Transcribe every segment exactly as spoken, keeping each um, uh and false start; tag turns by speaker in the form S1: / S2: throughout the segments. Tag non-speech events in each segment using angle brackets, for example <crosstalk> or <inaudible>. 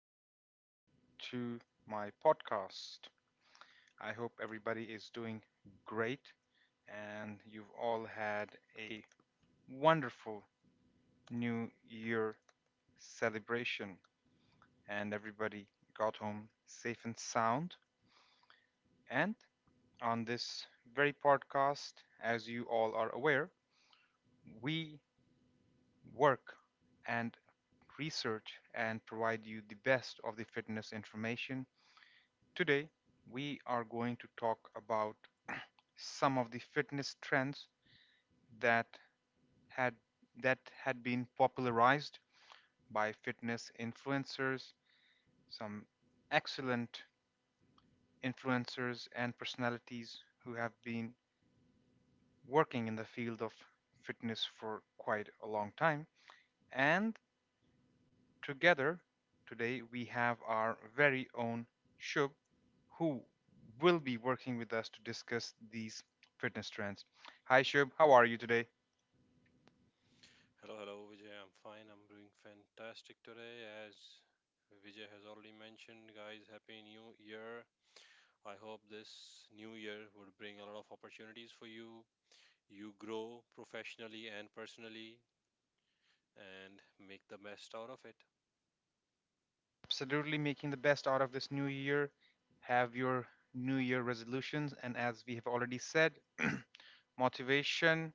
S1: welcome to my podcast. I hope everybody is doing great, and you've all had a wonderful new year celebration and everybody got home safe and sound. And on this very podcast, as you all are aware, we work and research and provide you the best of the fitness information. Today, we are going to talk about some of the fitness trends that had that had been popularized by fitness influencers, some excellent influencers and personalities who have been working in the field of fitness for quite a long time, and together, today we have our very own Shub, who will be working with us to discuss these fitness trends. Hi, Shub, how are you today?
S2: Hello, hello, Vijay. I'm fine. I'm doing fantastic today. As Vijay has already mentioned, guys, Happy New Year. I hope this new year would bring a lot of opportunities for you. You grow professionally and personally and make the best out of it.
S1: Absolutely, making the best out of this new year. Have your new year resolutions, and as we have already said, <clears throat> motivation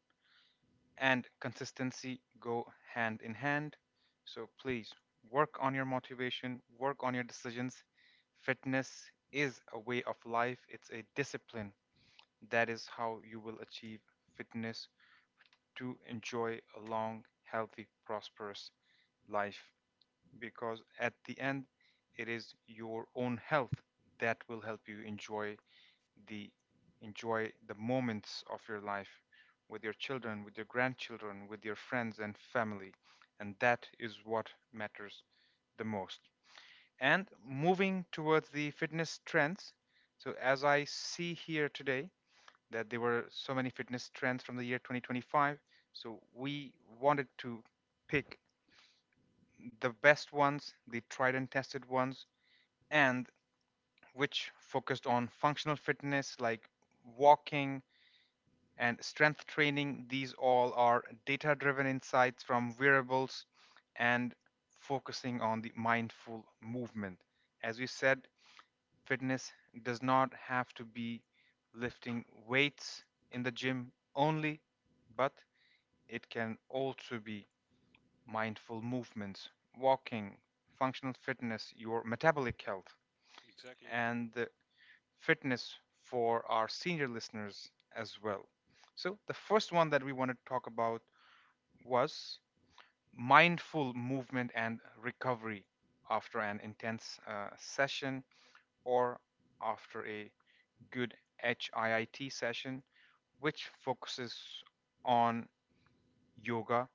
S1: and consistency go hand in hand. So please work on your motivation, work on your decisions. Fitness is a way of life, it's a discipline. That is how you will achieve fitness to enjoy a long, healthy, prosperous life. Because at the end, it is your own health that will help you enjoy the enjoy the moments of your life with your children, with your grandchildren, with your friends and family. And that is what matters the most. And moving towards the fitness trends. So, as I see here today, that there were so many fitness trends from the year twenty twenty-five. So we wanted to pick the best ones, the tried and tested ones, and which focused on functional fitness like walking and strength training. These all are data driven insights from wearables and focusing on the mindful movement. As we said, fitness does not have to be lifting weights in the gym only, but it can also be mindful movements, walking, functional fitness, your metabolic health,
S2: Exactly.
S1: and the fitness for our senior listeners as well. So, the first one that we want to talk about was mindful movement and recovery after an intense uh, session or after a good HIIT session, which focuses on yoga,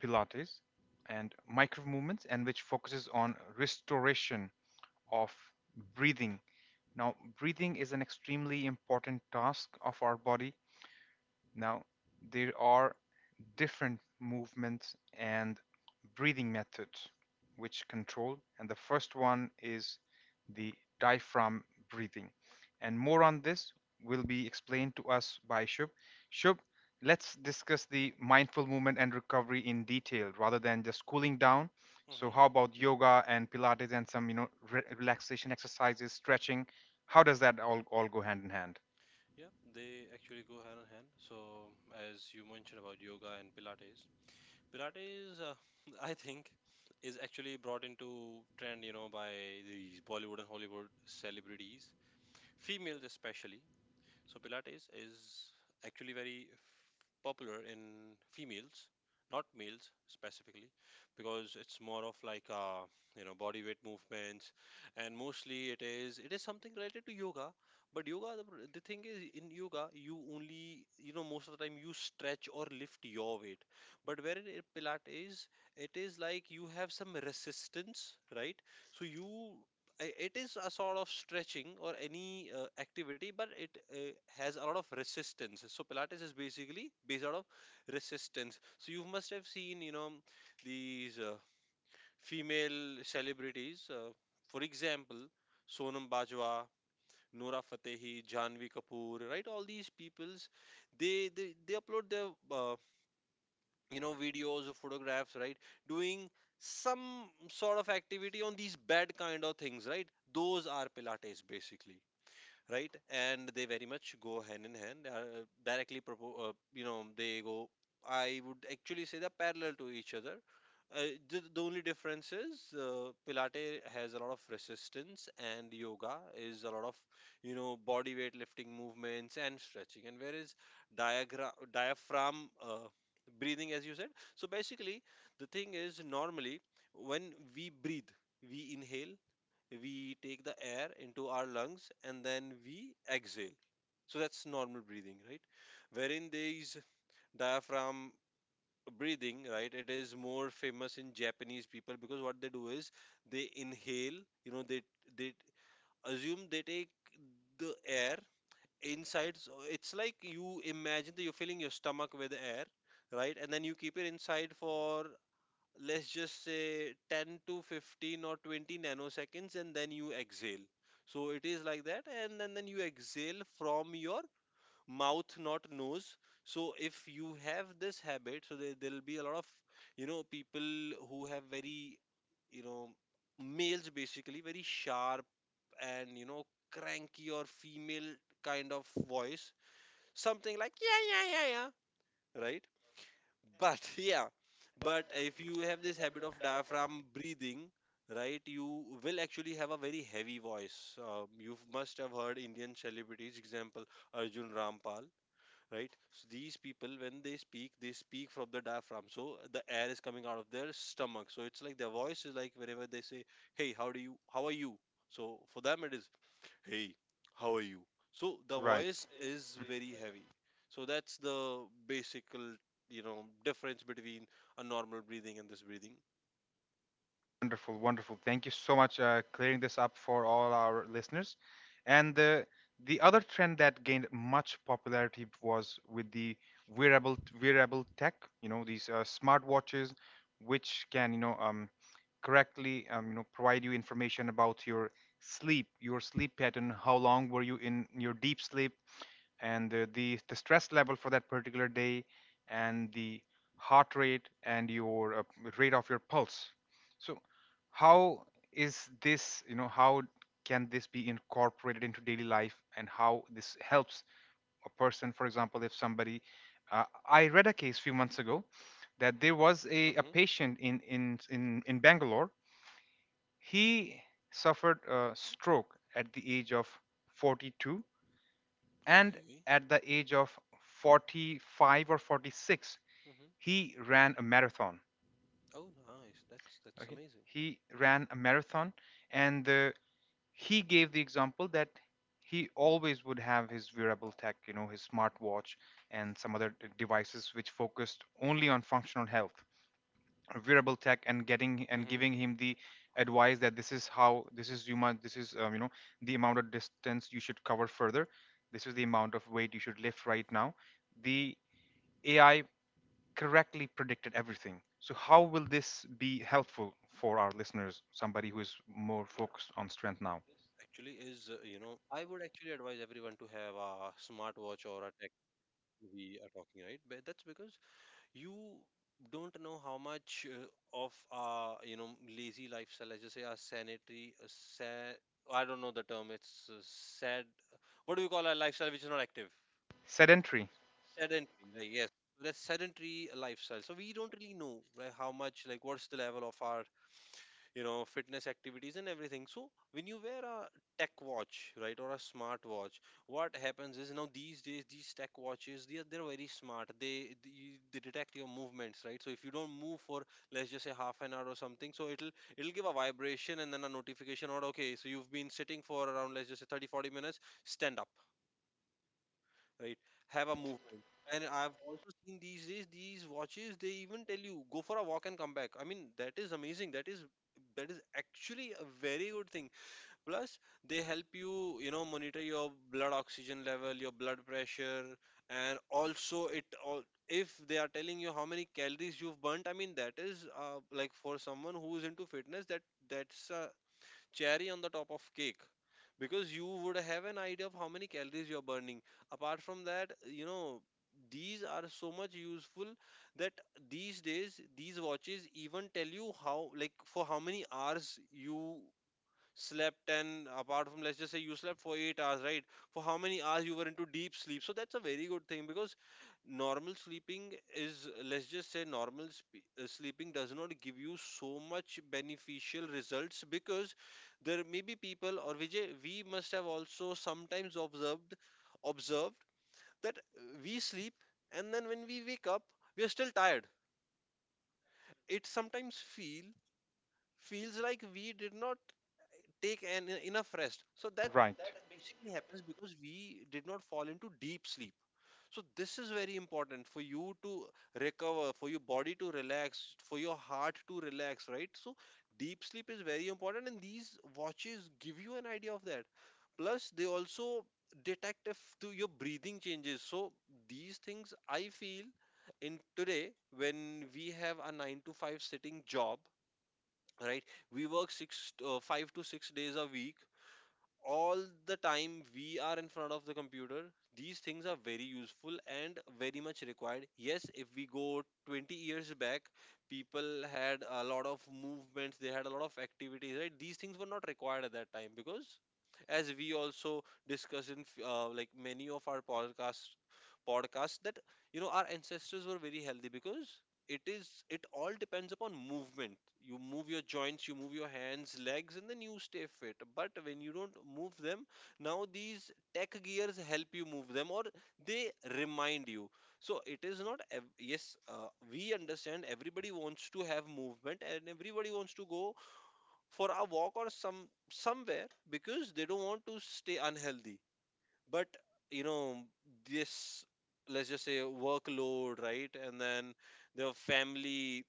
S1: Pilates and micro movements, and which focuses on restoration of breathing. Now, breathing is an extremely important task of our body. Now, there are different movement and breathing methods which control. And the first one is the diaphragm breathing. And more on this will be explained to us by Shubh. Shubh, let's discuss the mindful movement and recovery in detail rather than just cooling down. So,
S2: Mm-hmm.
S1: how about yoga and Pilates and some, you know, re- relaxation exercises, stretching? How does that all, all go hand in hand?
S2: Yeah, they actually go hand in hand. So, as you mentioned about yoga and Pilates, Pilates, uh, <laughs> I think, is actually brought into trend, you know, by these Bollywood and Hollywood celebrities, females especially. So Pilates is actually very f- popular in females, not males specifically, because it's more of like uh, you know body weight movements, and mostly it is it is something related to yoga. But yoga, the, pr- the thing is, in yoga you only you know most of the time you stretch or lift your weight, but where in Pilates it is like you have some resistance, right? So you I- it is a sort of stretching or any uh, activity, but it uh, has a lot of resistance. So Pilates is basically based out of resistance. So you must have seen, you know these uh, female celebrities, uh, for example Sonam Bajwa, Nora Fatehi, Janvi Kapoor, right, all these peoples. They they, they upload their uh, you know videos or photographs, right, doing some sort of activity on these bad kind of things, right. Those are Pilates basically, right. And they very much go hand in hand, uh, directly propo- uh, you know they go. I would actually say they're parallel to each other. Uh, the, the only difference is, uh, Pilate has a lot of resistance and yoga is a lot of, you know body weight lifting movements and stretching. And whereas diagram diaphragm uh, breathing, as you said, so basically the thing is, normally when we breathe, we inhale, we take the air into our lungs, and then we exhale. So that's normal breathing, right? Wherein there is diaphragm breathing, right, it is more famous in Japanese people because what they do is, they inhale, you know they they assume, they take the air inside. So it's like you imagine that you're filling your stomach with air, right, and then you keep it inside for, let's just say, ten to fifteen or twenty nanoseconds, and then you exhale. So it is like that, and then, then you exhale from your mouth, not nose. So if you have this habit, so there, there'll be a lot of, you know people who have very, you know males basically, very sharp, and you know cranky or female kind of voice, something like yeah, yeah, yeah, yeah, right. But <laughs> yeah, but if you have this habit of diaphragm breathing, right, you will actually have a very heavy voice. Uh, you must have heard Indian celebrities, example Arjun Rampal, right. So these people, when they speak, they speak from the diaphragm, so the air is coming out of their stomach. So it's like, their voice is like, whenever they say, hey, how do you how are you. So for them it is, Hey, how are you? So the
S1: Right.
S2: voice is very heavy. So that's the basic, l- you know, difference between a normal breathing and this breathing.
S1: Wonderful, wonderful. Thank you so much uh, clearing this up for all our listeners. And uh, the other trend that gained much popularity was with the wearable wearable tech. You know these uh, smartwatches, which can, you know, um, correctly, um, you know, provide you information about your sleep, your sleep pattern. How long were you in your deep sleep? And uh, the the stress level for that particular day and the heart rate and your uh, rate of your pulse. So how is this, you know, how can this be incorporated into daily life and how this helps a person? For example, if somebody, uh, I read a case few months ago that there was a, a
S2: Hmm.
S1: patient in in in, in Bangalore. He suffered a stroke at the age of forty-two and
S2: Okay.
S1: at the age of forty-five or forty-six,
S2: Hmm.
S1: he ran a marathon.
S2: Oh, nice. That's that's
S1: Okay.
S2: amazing.
S1: He ran a marathon, and uh, he gave the example that he always would have his wearable tech, you know, his smartwatch and some other devices which focused only on functional health, wearable tech, and getting and
S2: Hmm.
S1: giving him the advice that this is how this is you must this is um, you know, the amount of distance you should cover further, this is the amount of weight you should lift. Right now, the A I correctly predicted everything. So, how will this be helpful for our listeners, somebody who is more focused on strength now?
S2: Actually, is uh, you know, I would actually advise everyone to have a smartwatch or a tech we are talking, right, but that's because you don't know how much, uh, of our, you know lazy lifestyle, let's just say, our sanitary, uh, sa- I don't know the term, it's uh, sad, what do we call our lifestyle which is not active.
S1: Sedentary.
S2: Sedentary, like, yes, the sedentary lifestyle. So we don't really know, like, how much, like what's the level of our, you know fitness activities and everything. So when you wear a tech watch, right, or a smart watch, what happens is, now these days these tech watches, they are, they're very smart, they, they they detect your movements, right. So if you don't move for, let's just say, half an hour or something, so it'll it'll give a vibration and then a notification, or, okay, so you've been sitting for around, let's just say, thirty forty minutes, stand up, right, have a movement. And I've also seen, these days these watches, they even tell you, go for a walk and come back. I mean that is amazing, that is that is actually a very good thing. Plus, they help you, you know monitor your blood oxygen level, your blood pressure. And also it all, if they are telling you how many calories you've burnt, I mean that is, uh, like, for someone who is into fitness, that that's a cherry on the top of cake, because you would have an idea of how many calories you're burning. Apart from that, you know these are so much useful, that these days these watches even tell you, how like for how many hours you slept. And apart from, let's just say, you slept for eight hours, right, for how many hours you were into deep sleep. So that's a very good thing, because normal sleeping is, let's just say, normal sp- uh, sleeping does not give you so much beneficial results, because there may be people, or Vijay, we must have also sometimes observed observed that, uh, we sleep, and then when we wake up we are still tired. It sometimes feel feels like we did not take an, enough rest. So that
S1: Right,
S2: basically happens because we did not fall into deep sleep. So this is very important, for you to recover, for your body to relax, for your heart to relax, right? So deep sleep is very important, and these watches give you an idea of that. Plus, they also detect if to your breathing changes. So these things I feel, in today when we have a nine to five sitting job, right? We work six, uh, five to six days a week, all the time we are in front of the computer. These things are very useful and very much required. Yes, if we go twenty years back, people had a lot of movements, they had a lot of activities, right, these things were not required at that time. Because as we also discuss in f- uh, like many of our podcasts podcasts that, you know our ancestors were very healthy, because it is it all depends upon movement. You move your joints, you move your hands, legs, and then you stay fit, but when you don't move them, now these tech gears help you move them, or they remind you. So it is not ev- yes, uh, we understand, everybody wants to have movement, and everybody wants to go for a walk or some somewhere, because they don't want to stay unhealthy. But, you know this, let's just say, workload, right, and then the family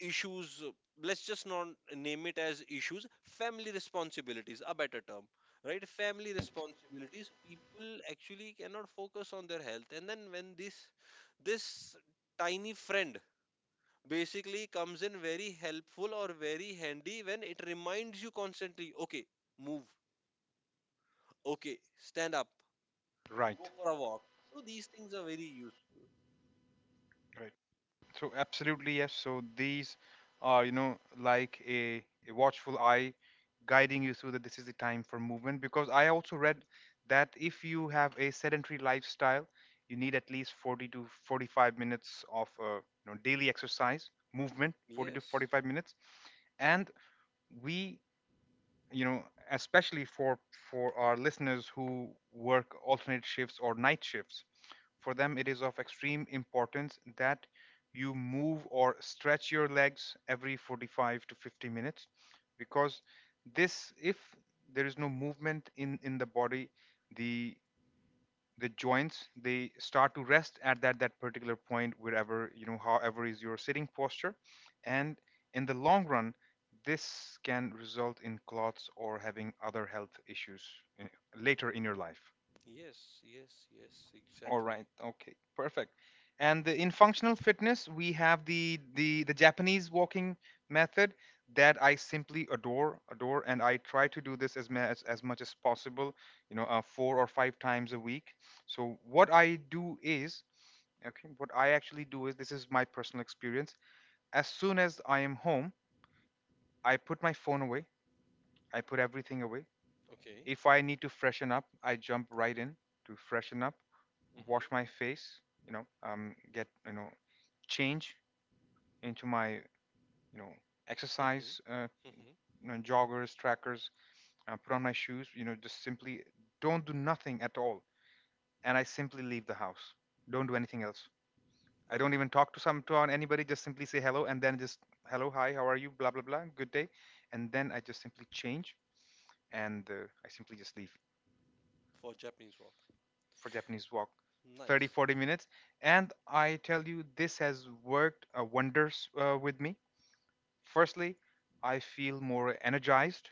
S2: issues, let's just not name it as issues, family responsibilities, a better term, right, family responsibilities, people actually cannot focus on their health. And then when this this tiny friend basically comes in very helpful or very handy, when it reminds you constantly, okay, move, okay, stand up
S1: right,
S2: for a walk. So these things are very useful.
S1: right. So, absolutely, yes. So, these are, you know, like a, a watchful eye guiding you through that this is the time for movement. Because I also read that if you have a sedentary lifestyle, you need at least forty to forty-five minutes of, uh, you know, daily exercise, movement, forty to
S2: Yes,
S1: forty-five minutes. And we, you know, especially for for our listeners who work alternate shifts or night shifts, for them it is of extreme importance that you move or stretch your legs every forty-five to fifty minutes, because this, if there is no movement in in the body, the the joints they start to rest at that that particular point, wherever, you know, however is your sitting posture, and in the long run, this can result in clots or having other health issues in, later in your life.
S2: yes, yes, yes,
S1: All
S2: exactly.
S1: right. Okay. Perfect. And the- in functional fitness, we have the the the Japanese walking method that I simply adore, adore, and I try to do this as ma- as, as much as possible. You know, uh, four or five times a week. So what I do is, okay, what I actually do is, this is my personal experience. As soon as I am home, I put my phone away. I put everything away.
S2: Okay.
S1: If I need to freshen up, I jump right in to freshen up, wash my face, you know, um, get, you know, change into my, you know,
S2: Mm-hmm.
S1: exercise, uh,
S2: Mm-hmm. Mm-hmm.
S1: you know, joggers, trackers, uh, put on my shoes, you know, just simply don't do nothing at all, and I simply leave the house. Don't do anything else. I don't
S2: Okay.
S1: even talk to some to anybody. Just simply say hello, and then just hello, hi, how are you, blah blah blah, good day, and then I just simply change, and uh, I simply just leave.
S2: For Japanese walk.
S1: For Japanese walk, 30
S2: Nice.
S1: 40 minutes, and I tell you, this has worked uh, wonders uh, with me. Firstly, I feel more energized.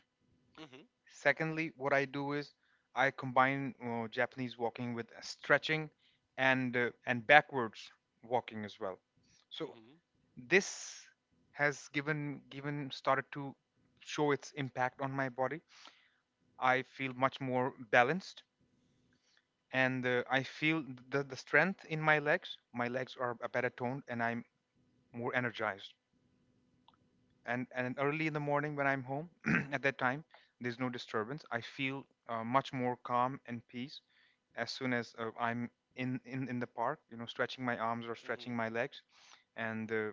S2: Mm-hmm.
S1: Secondly, what I do is I combine uh, Japanese walking with stretching and uh, and backwards walking as well. So
S2: Mm-hmm.
S1: this has given given started to show its impact on my body. I feel much more balanced, and uh, I feel the, the strength in my legs. My legs are a better toned, and I'm more energized. And and early in the morning when I'm home, <clears throat> at that time, there's no disturbance. I feel uh, much more calm and peace as soon as uh, I'm in, in in the park. You know, stretching my arms or
S2: Mm-hmm.
S1: stretching my legs, and uh,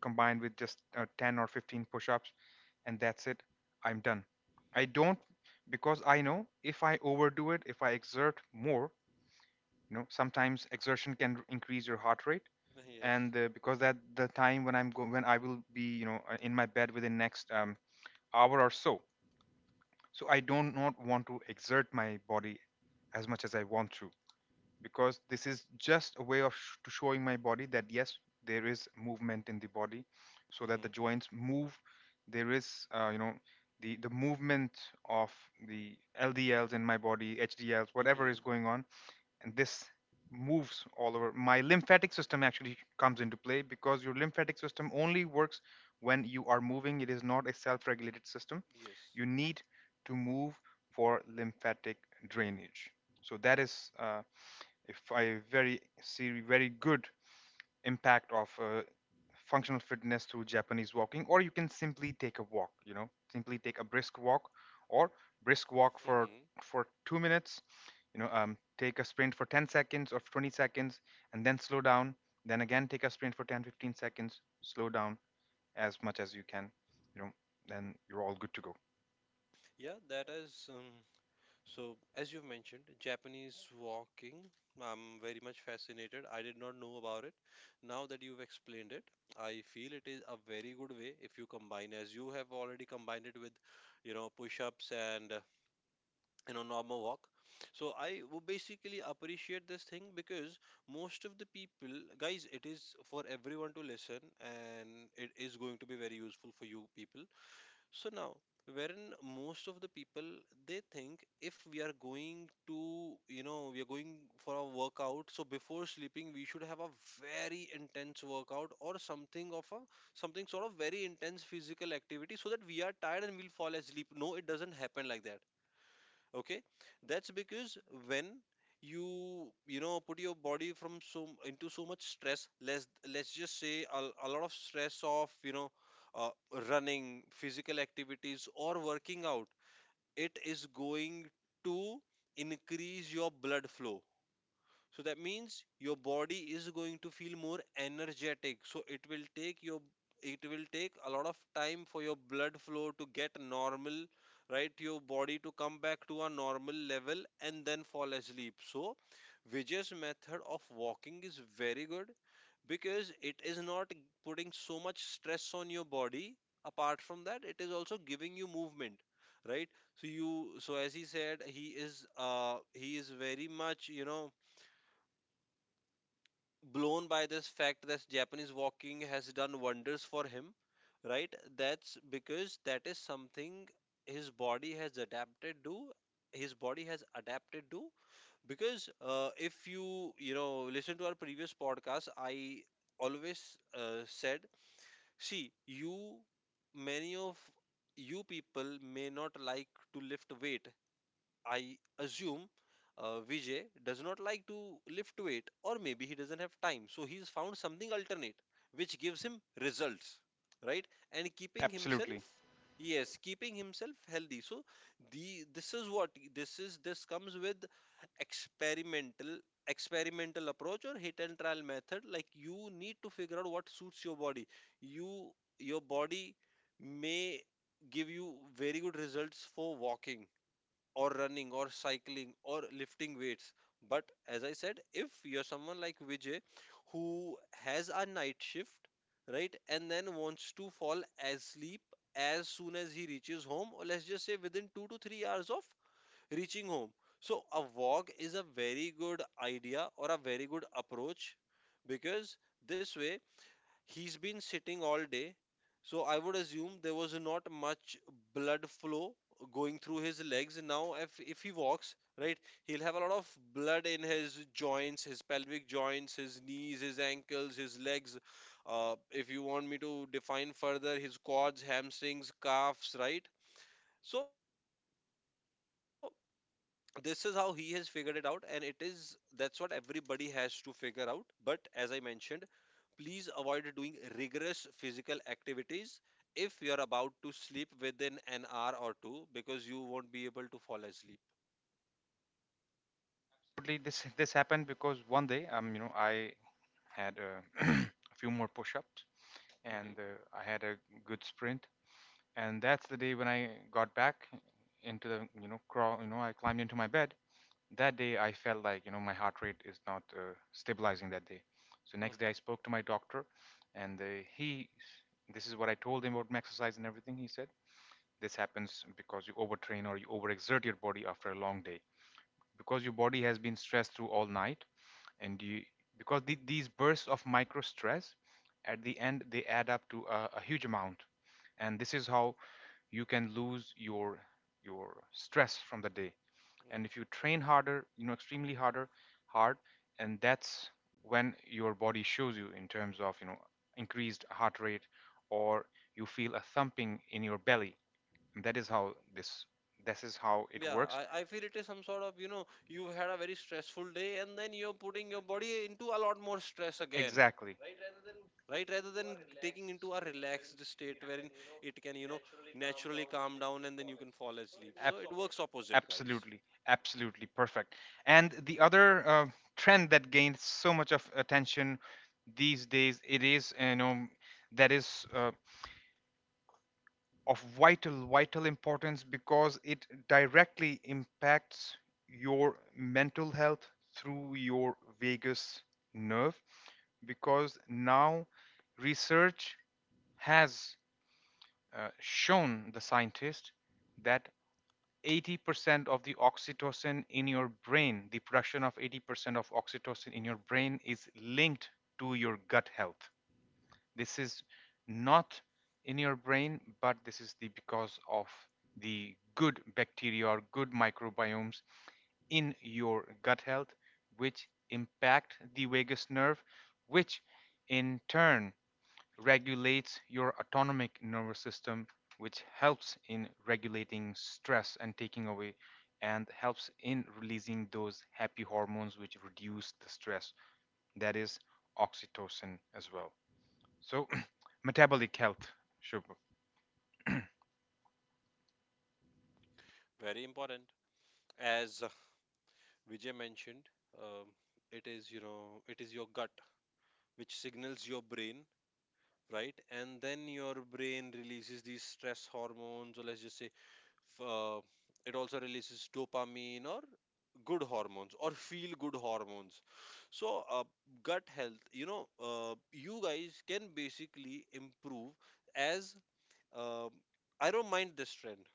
S1: combined with just uh, ten or fifteen push-ups, and that's it. I'm done. I don't, because I know if I overdo it, if I exert more, you know, sometimes exertion can increase your heart rate,
S2: Yes.
S1: and uh, because that, the time when i'm go- when I will be, you know, uh, in my bed within next, um, hour or so, so I don't not want to exert my body as much as I want to, because this is just a way of sh- to showing my body that yes, there is movement in the body, so that the joints move. There is, uh, you know, the the movement of the ldls in my body, hdls,
S2: Mm-hmm.
S1: whatever is
S2: Mm-hmm.
S1: going on, and this moves all over. My lymphatic system actually comes into play, because your lymphatic system only works when you are moving. It is not a self-regulated system.
S2: Yes.
S1: You need to move for lymphatic drainage. So that is, uh, if a very seri- very good impact of uh, functional fitness through Japanese walking, or you can simply take a walk. You know, simply take a brisk walk, or brisk walk for
S2: Mm-hmm.
S1: for two minutes. You know, um, take a sprint for ten seconds or twenty seconds, and then slow down. Then again, take a sprint for ten, fifteen seconds, slow down as much as you can. You know, then you're all good to go.
S2: Yeah, that is. Um, So, as you've mentioned, Japanese walking, I'm very much fascinated. I did not know about it. Now that you've explained it, I feel it is a very good way if you combine, as you have already combined it with, you know, push-ups and, uh, you know, normal walk. So, I would basically appreciate this thing, because most of the people, guys, it is for everyone to listen and it is going to be very useful for you people. So now, wherein most of the people they think, if we are going to, you know, we are going for a workout, so before sleeping we should have a very intense workout, or something of a something sort of very intense physical activity, so that we are tired and we'll fall asleep. No, it doesn't happen like that. Okay, that's because when you you know put your body from so into so much stress. Let's let's just say a, a lot of stress of you know uh, running, physical activities, or working out, it is going to increase your blood flow. So that means your body is going to feel more energetic, so it will take your it will take a lot of time for your blood flow to get normal, right, your body to come back to a normal level and then fall asleep. So Vijay's method of walking is very good because it is not putting so much stress on your body. Apart from that, it is also giving you movement, right? So you so as he said, he is uh he is very much you know blown by this fact that Japanese walking has done wonders for him, right? That's because that is something his body has adapted to. His body has adapted to because uh, if you you know listen to our previous podcast, I always uh, said, see, you many of you people may not like to lift weight, I assume. uh, Vijay does not like to lift weight, or maybe he doesn't have time. So he's found something alternate which gives him results, right? And keeping
S1: Absolutely.
S2: himself, yes, keeping himself healthy. So the this is what this is this comes with experimental, experimental approach, or hit and trial method. Like, you need to figure out what suits your body. you your body may give you very good results for walking, or running, or cycling, or lifting weights. But as I said, if you're someone like Vijay who has a night shift, right, and then wants to fall asleep as soon as he reaches home, or let's just say within two to three hours of reaching home, so a walk is a very good idea, or a very good approach, because this way he's been sitting all day, so I would assume there was not much blood flow going through his legs. Now, if if he walks, right, he'll have a lot of blood in his joints, his pelvic joints, his knees, his ankles, his legs. Uh, if you want me to define further, his quads, hamstrings, calves, right? So this is how he has figured it out, and it is that's what everybody has to figure out. But as I mentioned, please avoid doing rigorous physical activities if you are about to sleep within an hour or two, because you won't be able to fall asleep.
S1: This this happened because one day, um, you know, I had uh, <clears throat> a few more push-ups and
S2: Hmm.
S1: uh, I had a good sprint, and that's the day when I got back into the you know crawl you know I climbed into my bed. That day I felt like, you know, my heart rate is not uh, stabilizing that day, so next
S2: Hmm.
S1: day I spoke to my doctor. And uh, he this is what I told him about my exercise and everything. He said this happens because you overtrain or you overexert your body after a long day, because your body has been stressed through all night. And you, because the, these bursts of micro stress at the end, they add up to a, a huge amount. And this is how you can lose your your stress from the day.
S2: Hmm.
S1: And if you train harder, you know, extremely harder, hard, and that's when your body shows you in terms of, you know, increased heart rate, or you feel a thumping in your belly. And that is how this this is how it, yeah,
S2: Yeah,
S1: works. I,
S2: I,
S1: I
S2: I
S1: feel
S2: feel
S1: it
S2: it
S1: is
S2: is
S1: some
S2: some
S1: sort
S2: sort
S1: of,
S2: of,
S1: you
S2: you
S1: know,
S2: know
S1: you
S2: you
S1: had
S2: had a
S1: a
S2: very
S1: very stressful
S2: stressful
S1: day
S2: day
S1: and
S2: and
S1: then
S2: then you're
S1: you're putting
S2: putting
S1: your
S2: your
S1: body
S2: body
S1: into
S2: into a
S1: a lot
S2: lot
S1: more
S2: more
S1: stress
S2: stress
S1: again,
S2: again,
S1: exactly, right?
S2: right? Rather
S1: Rather than
S2: than
S1: taking
S2: taking
S1: into
S2: into
S1: a
S2: a
S1: relaxed
S2: relaxed
S1: state
S2: state
S1: where
S2: wherein
S1: it
S2: it
S1: can,
S2: can,
S1: you
S2: you
S1: know,
S2: know naturally calm down, and then you can fall asleep. So it
S1: Ab-
S2: works opposite, guys.
S1: absolutely, absolutely perfect. And the other uh, trend that gains so much of attention these days, it is, you know, that is, uh, of vital vital importance, because it directly impacts your mental health through your vagus nerve. Because now research has uh, shown the scientist that eighty percent of the oxytocin in your brain, the production of eighty percent of oxytocin in your brain, is linked to your gut health. This is not in your brain, but this is the because of the good bacteria or good microbiomes in your gut health, which impact the vagus nerve, which in turn regulates your autonomic nervous system, which helps in regulating stress and taking away, and helps in releasing those happy hormones which reduce the stress, that is oxytocin as well. So, <clears throat> metabolic health, Shubh.
S2: Very important. As uh, Vijay mentioned, um, it is, you know, it is your gut which signals your brain, right, and then your brain releases these stress hormones, or let's just say, f- uh, it also releases dopamine, or good hormones, or feel good hormones. So uh, gut health, you know uh, you guys can basically improve. As um I don't mind this trend,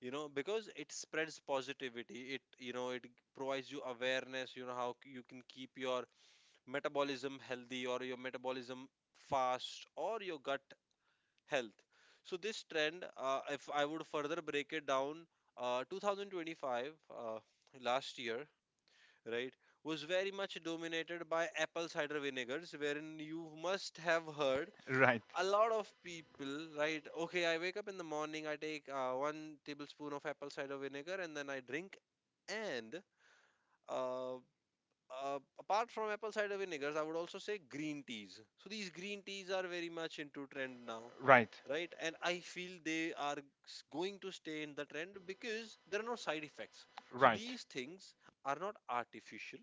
S2: you know, because it spreads positivity, it you know it provides you awareness, you know how c- you can keep your metabolism healthy, or your metabolism fast, or your gut health. So this trend, uh, if I would further break it down, uh, two thousand twenty-five, uh, last year, right, was very much dominated by apple cider vinegars, wherein you must have heard
S1: Right,
S2: a lot of people, right? Okay, I wake up in the morning, I take uh, one tablespoon of apple cider vinegar, and then I drink. And uh, uh, apart from apple cider vinegars, I would also say green teas. So these green teas are very much into trend now,
S1: right,
S2: right? And I feel they are s- going to stay in the trend, because there are no side effects. So
S1: right.
S2: these things are not artificial,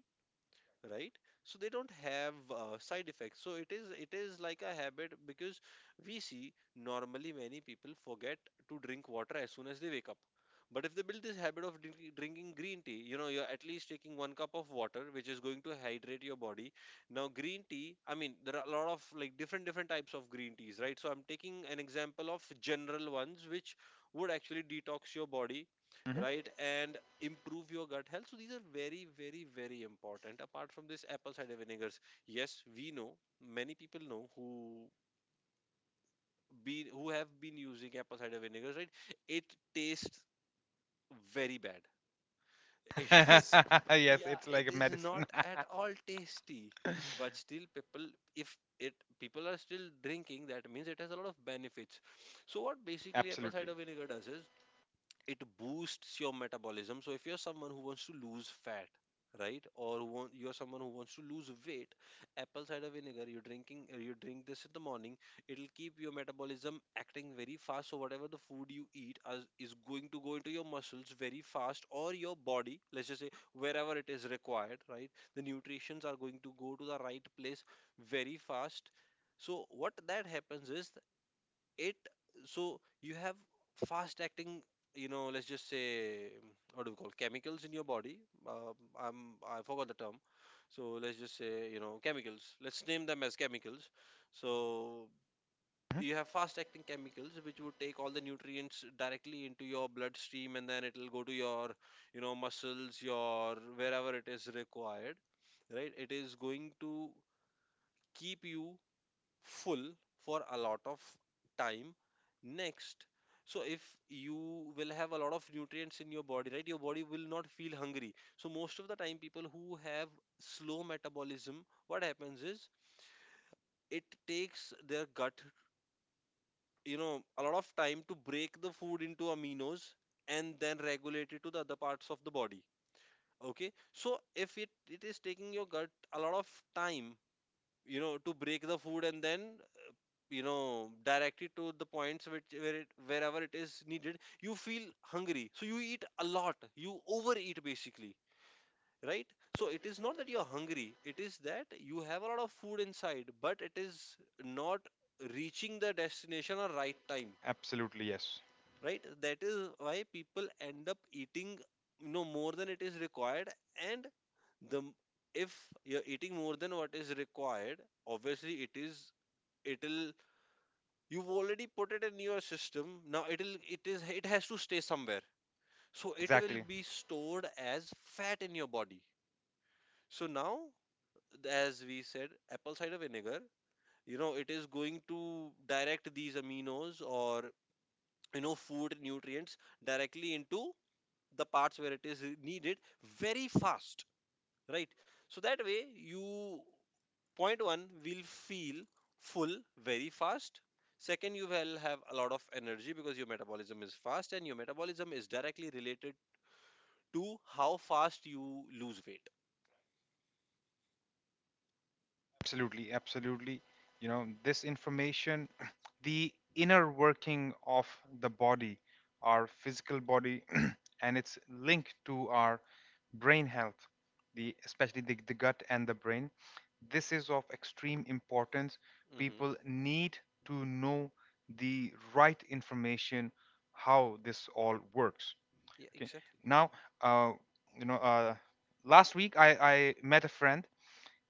S2: right? So they don't have uh, side effects. So it is, it is like a habit, because we see normally many people forget to drink water as soon as they wake up, but if they build this habit of drinking, drinking green tea, you know you're at least taking one cup of water, which is going to hydrate your body. Now, green tea, I mean, there are a lot of, like, different different types of green teas, right? So I'm taking an example of general ones which would actually detox your body,
S1: Mhm.
S2: right, and improve your gut health. So these are very, very, very important. Apart from this, apple cider vinegars. Yes, we know many people know who be who have been using apple cider vinegars, right? It tastes very bad. <laughs> It is,
S1: <laughs> Yes,
S2: yeah,
S1: it's like
S2: it
S1: a
S2: is not
S1: medicine.
S2: at all tasty.
S1: <laughs>
S2: But still, people, if it people are still drinking, that means it has a lot of benefits. So what basically apple
S1: Absolutely.
S2: cider vinegar does is it boosts your metabolism. So if you're someone who wants to lose fat, right, or who want, you're someone who wants to lose weight, apple cider vinegar, you're drinking uh, you drink this in the morning, it'll keep your metabolism acting very fast. So whatever the food you eat as, is going to go into your muscles very fast, or your body, let's just say wherever it is required, right, the nutrients are going to go to the right place very fast. So what that happens is, it so you have fast acting you know let's just say, um, what do we call, chemicals in your body. uh, i'm i forgot the term. So let's just say, you know, chemicals, let's name them as chemicals. So you
S1: Mhm.
S2: have fast acting chemicals which would take all the nutrients directly into your bloodstream, and then it'll go to your, you know muscles, your wherever it is required, right? It is going to keep you full for a lot of time. Next, so if you will have a lot of nutrients in your body, right, your body will not feel hungry. So most of the time, people who have slow metabolism, what happens is, it takes their gut, you know a lot of time to break the food into aminos, and then regulate it to the other parts of the body. Okay, so if it, it is taking your gut a lot of time, you know to break the food, and then, you know directly to the points which where it wherever it is needed, you feel hungry, so you eat a lot, you overeat basically, right? So it is not that you're hungry, it is that you have a lot of food inside, but it is not reaching the destination or right time,
S1: Absolutely, yes.
S2: right? That is why people end up eating, you know more than it is required. And the if you're eating more than what is required, obviously it is, it'll you've already put it in your system. Now it'll it is it has to stay somewhere, so it will
S1: Exactly.
S2: be stored as fat in your body. So now, as we said, apple cider vinegar, you know, it is going to direct these aminos, or you know food nutrients, directly into the parts where it is needed very fast, right? So that way, you point one, will feel full very fast. Second, you will have a lot of energy, because your metabolism is fast, and your metabolism is directly related to how fast you lose weight.
S1: Absolutely, absolutely. You know, this information, <clears throat> the inner working of the body, our physical body, <clears throat> and its link to our brain health, the especially the, the gut and the brain. This is of extreme importance.
S2: Hmm.
S1: People need to know the right information, how this all works.
S2: Yeah,
S1: Okay.
S2: exactly.
S1: Now, uh, you know, uh, last week I, I met a friend,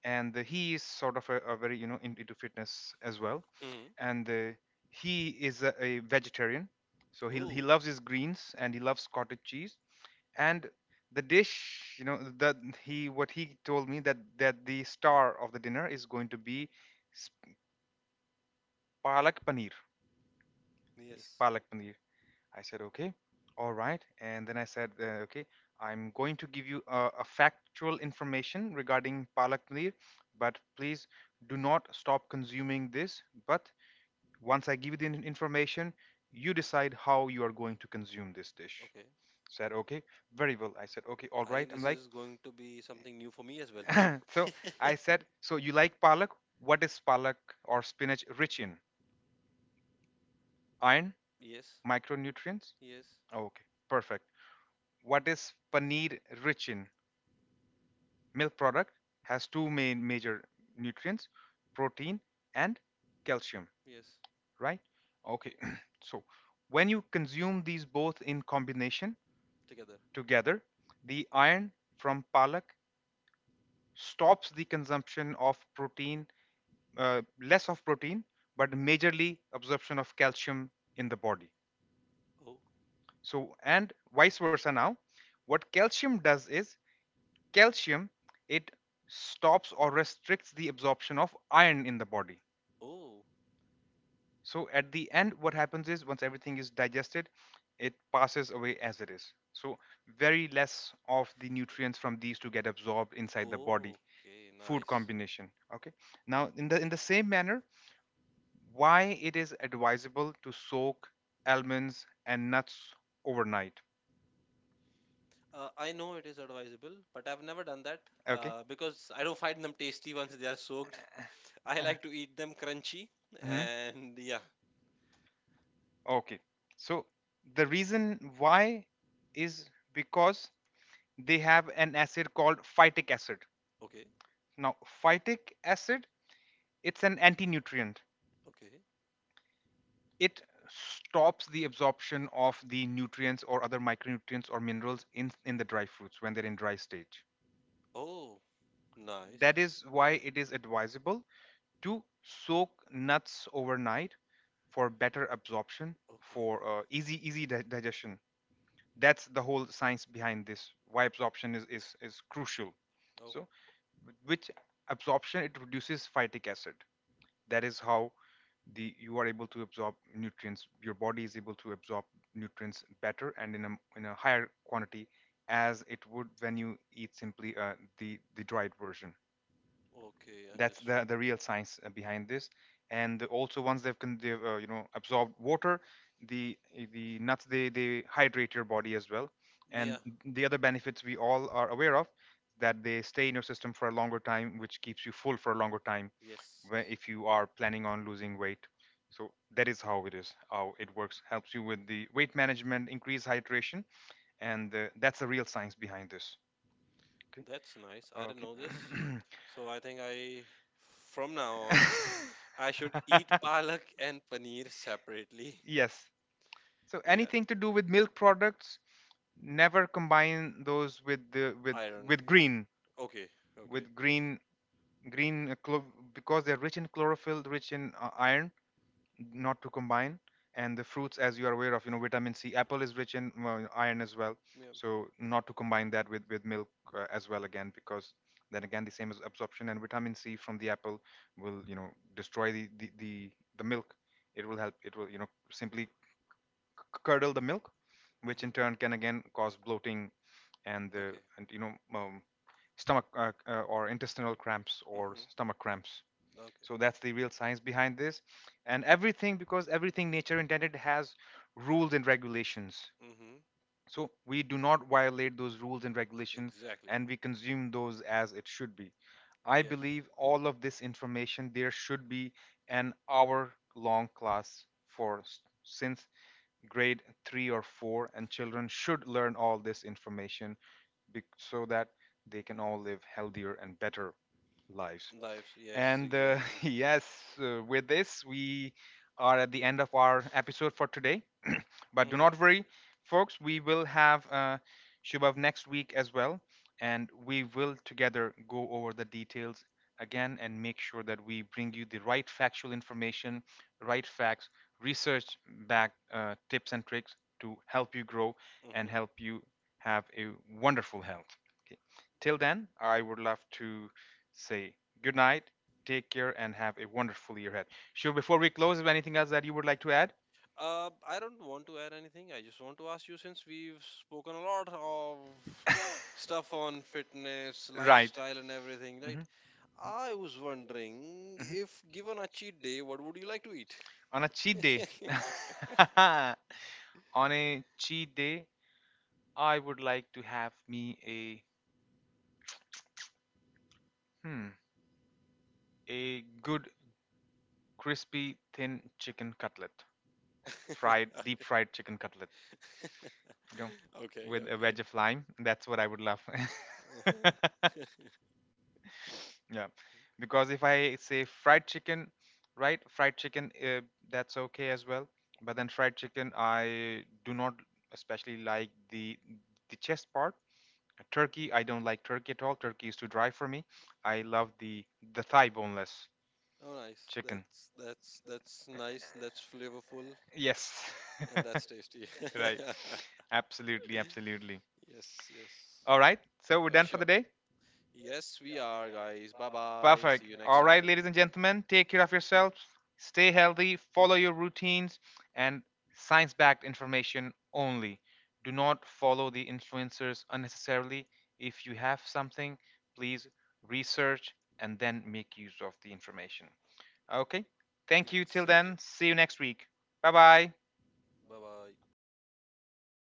S1: and uh, he is sort of a, a very, you know, in- into fitness as well.
S2: Hmm.
S1: And uh, he is a, a vegetarian, so he, he
S2: Oh.
S1: loves his greens and he loves cottage cheese. And the dish, you know, that he what he told me, that that the star of the dinner is going to be s- palak paneer.
S2: Yes.
S1: Palak paneer, I said, okay, all right. And then I said, uh, okay, I'm going to give you a, a factual information regarding palak paneer, but please do not stop consuming this. But once I give you the in- information, you decide how you are going to consume this dish.
S2: Okay,
S1: Said, okay, very well. I said, okay, all
S2: I
S1: right.
S2: think
S1: I'm
S2: this
S1: like,
S2: is going to be something new for me as well.
S1: <laughs> so I
S2: <laughs>
S1: said, so you like palak? What is palak or spinach rich in? Iron,
S2: Yes,
S1: micronutrients?
S2: yes,
S1: Okay, perfect. What is paneer rich in? Milk product has two main major nutrients, protein and calcium,
S2: yes.
S1: right? Okay. <clears throat> So when you consume these both in combination
S2: Together.
S1: together, the iron from palak stops the consumption of protein, uh, less of protein, but majorly absorption of calcium in the body.
S2: Oh,
S1: So and vice versa. Now, what calcium does is calcium, it stops or restricts the absorption of iron in the body.
S2: oh,
S1: So at the end, what happens is once everything is digested, it passes away as it is. So very less of the
S2: I-
S1: nutrients from these to get absorbed inside the body.
S2: okay,
S1: Food
S2: nice.
S1: combination, okay. Now, in the in the same manner, why it is advisable to soak almonds and nuts overnight.
S2: Uh, I know it is advisable, but I've never done that,
S1: Okay.
S2: uh, because I don't find them tasty once they are soaked. <laughs> I like to eat them crunchy,
S1: Mhm.
S2: and yeah.
S1: Okay. So the reason why is because they have an acid called phytic acid.
S2: Okay,
S1: Now, phytic acid, it's an anti-nutrient.
S2: okay.
S1: It stops the absorption of the nutrients or other micronutrients or minerals in in the dry fruits when they're in dry stage.
S2: Oh, nice.
S1: That is why it is advisable, two, soak nuts overnight for better absorption,
S2: Okay.
S1: for uh, easy easy di- digestion. That's the whole science behind this. Why absorption is is, is crucial.
S2: Oh,
S1: So, with which absorption it reduces phytic acid. That is how the you are able to absorb nutrients. Your body is able to absorb nutrients better and in a in a higher quantity as it would when you eat simply uh, the the dried version.
S2: okay,
S1: That's
S2: understood.
S1: the the real science uh, behind this. And also once they've, con- they've, uh, you know, absorbed water, the the nuts, they they hydrate your body as well. And,
S2: Yeah,
S1: yeah, the other benefits we all are aware of, that they stay in your system for a longer time, which keeps you full for a longer time, where
S2: yes.
S1: if you are planning on losing weight. So that is how it is how it works, helps you with the weight management, increase hydration. And uh, that's the real science behind this. Okay.
S2: That's nice. I didn't
S1: Okay.
S2: know this.
S1: <clears throat>
S2: So I think I, from now on, I should eat palak and
S1: <laughs>
S2: paneer separately. <laughs>
S1: Yes. So
S2: Yeah,
S1: anything to do with milk products, never combine those with the with
S2: iron.
S1: with green
S2: Okay,
S1: with
S2: okay.
S1: green green uh, chlor- because they're rich in chlorophyll, rich in uh, iron. Not to combine. And the fruits, as you are aware of, you know, vitamin c, apple is rich in, well, iron as well.
S2: Yeah.
S1: So not to combine that with with milk, uh, as well, again, because then again the same as absorption. And vitamin c from the apple will, you know, destroy the the the, the milk. It will help, it will, you know, simply c- curdle the milk, which
S2: Mm-hmm.
S1: in turn can again cause bloating. And the
S2: Okay.
S1: and you know, um, stomach, uh, uh, or intestinal cramps or
S2: Mm-hmm.
S1: stomach cramps.
S2: Okay.
S1: So that's the real science behind this. And everything, because everything nature intended has rules and regulations,
S2: Mm-hmm.
S1: so we do not violate those rules and regulations
S2: Exactly.
S1: and we consume those as it should be. I
S2: Yes.
S1: believe all of this information, there should be an hour long class for, since grade 3 or 4, and children should learn all this information so that they can all live healthier and better lives.
S2: Lives. Yes,
S1: And uh, <laughs>
S2: exactly.
S1: yes, uh, with this, we are at the end of our episode for today. But do
S2: Mm-hmm.
S1: not worry, folks, we will have uh, Shubhav next week as well, and we will together go over the details again and make sure that we bring you the right factual information, right facts, research backed uh, tips and tricks to help you grow and
S2: Mm-hmm.
S1: help you have a wonderful health. Okay. Till then, I would love to say good night, take care, and have a wonderful year ahead. Shubh, before we close, is there anything else that you would like to add?
S2: Uh, I don't want to add anything. I just want to ask you, since we've spoken a lot of stuff on fitness,
S1: Right.
S2: lifestyle, and everything,
S1: Hmm, hmm.
S2: right? I was wondering, if given a cheat day, what would you like to eat?
S1: On a cheat day,
S2: <laughs>
S1: <laughs> on a cheat day, I would like to have me a, hmm, a good crispy thin chicken cutlet, fried, deep fried chicken cutlet,
S2: Okay.
S1: you know,
S2: <laughs> Okay,
S1: with a
S2: okay.
S1: wedge of lime. That's what I would love.
S2: Uh-huh.
S1: <laughs> Yeah, because if I say fried chicken, right? Fried chicken, uh, that's okay as well. But then fried chicken, I do not especially like the the chest part. Turkey, I don't like turkey at all. Turkey is too dry for me. I love the the thigh boneless
S2: <laughs> Oh, nice.
S1: chicken.
S2: That's that's that's
S1: Eh,
S2: nice. That's flavorful,
S1: yes.
S2: and that's
S1: <laughs>
S2: tasty.
S1: Right.
S2: <laughs>
S1: Absolutely, absolutely.
S2: Yes, yes.
S1: All right. So we're
S2: Uh,
S1: done for
S2: sure.
S1: the day.
S2: Yes, we are, guys. Bye bye. See
S1: Perfect.
S2: you next
S1: All right,
S2: time.
S1: ladies and gentlemen, take care of yourselves, stay healthy, follow your routines, and science backed information only. Do not follow the influencers unnecessarily. If you have something, please research and then make use of the information. Okay? Thank you, till
S2: Exactly.
S1: then. See you next week. Bye bye.
S2: Bye bye.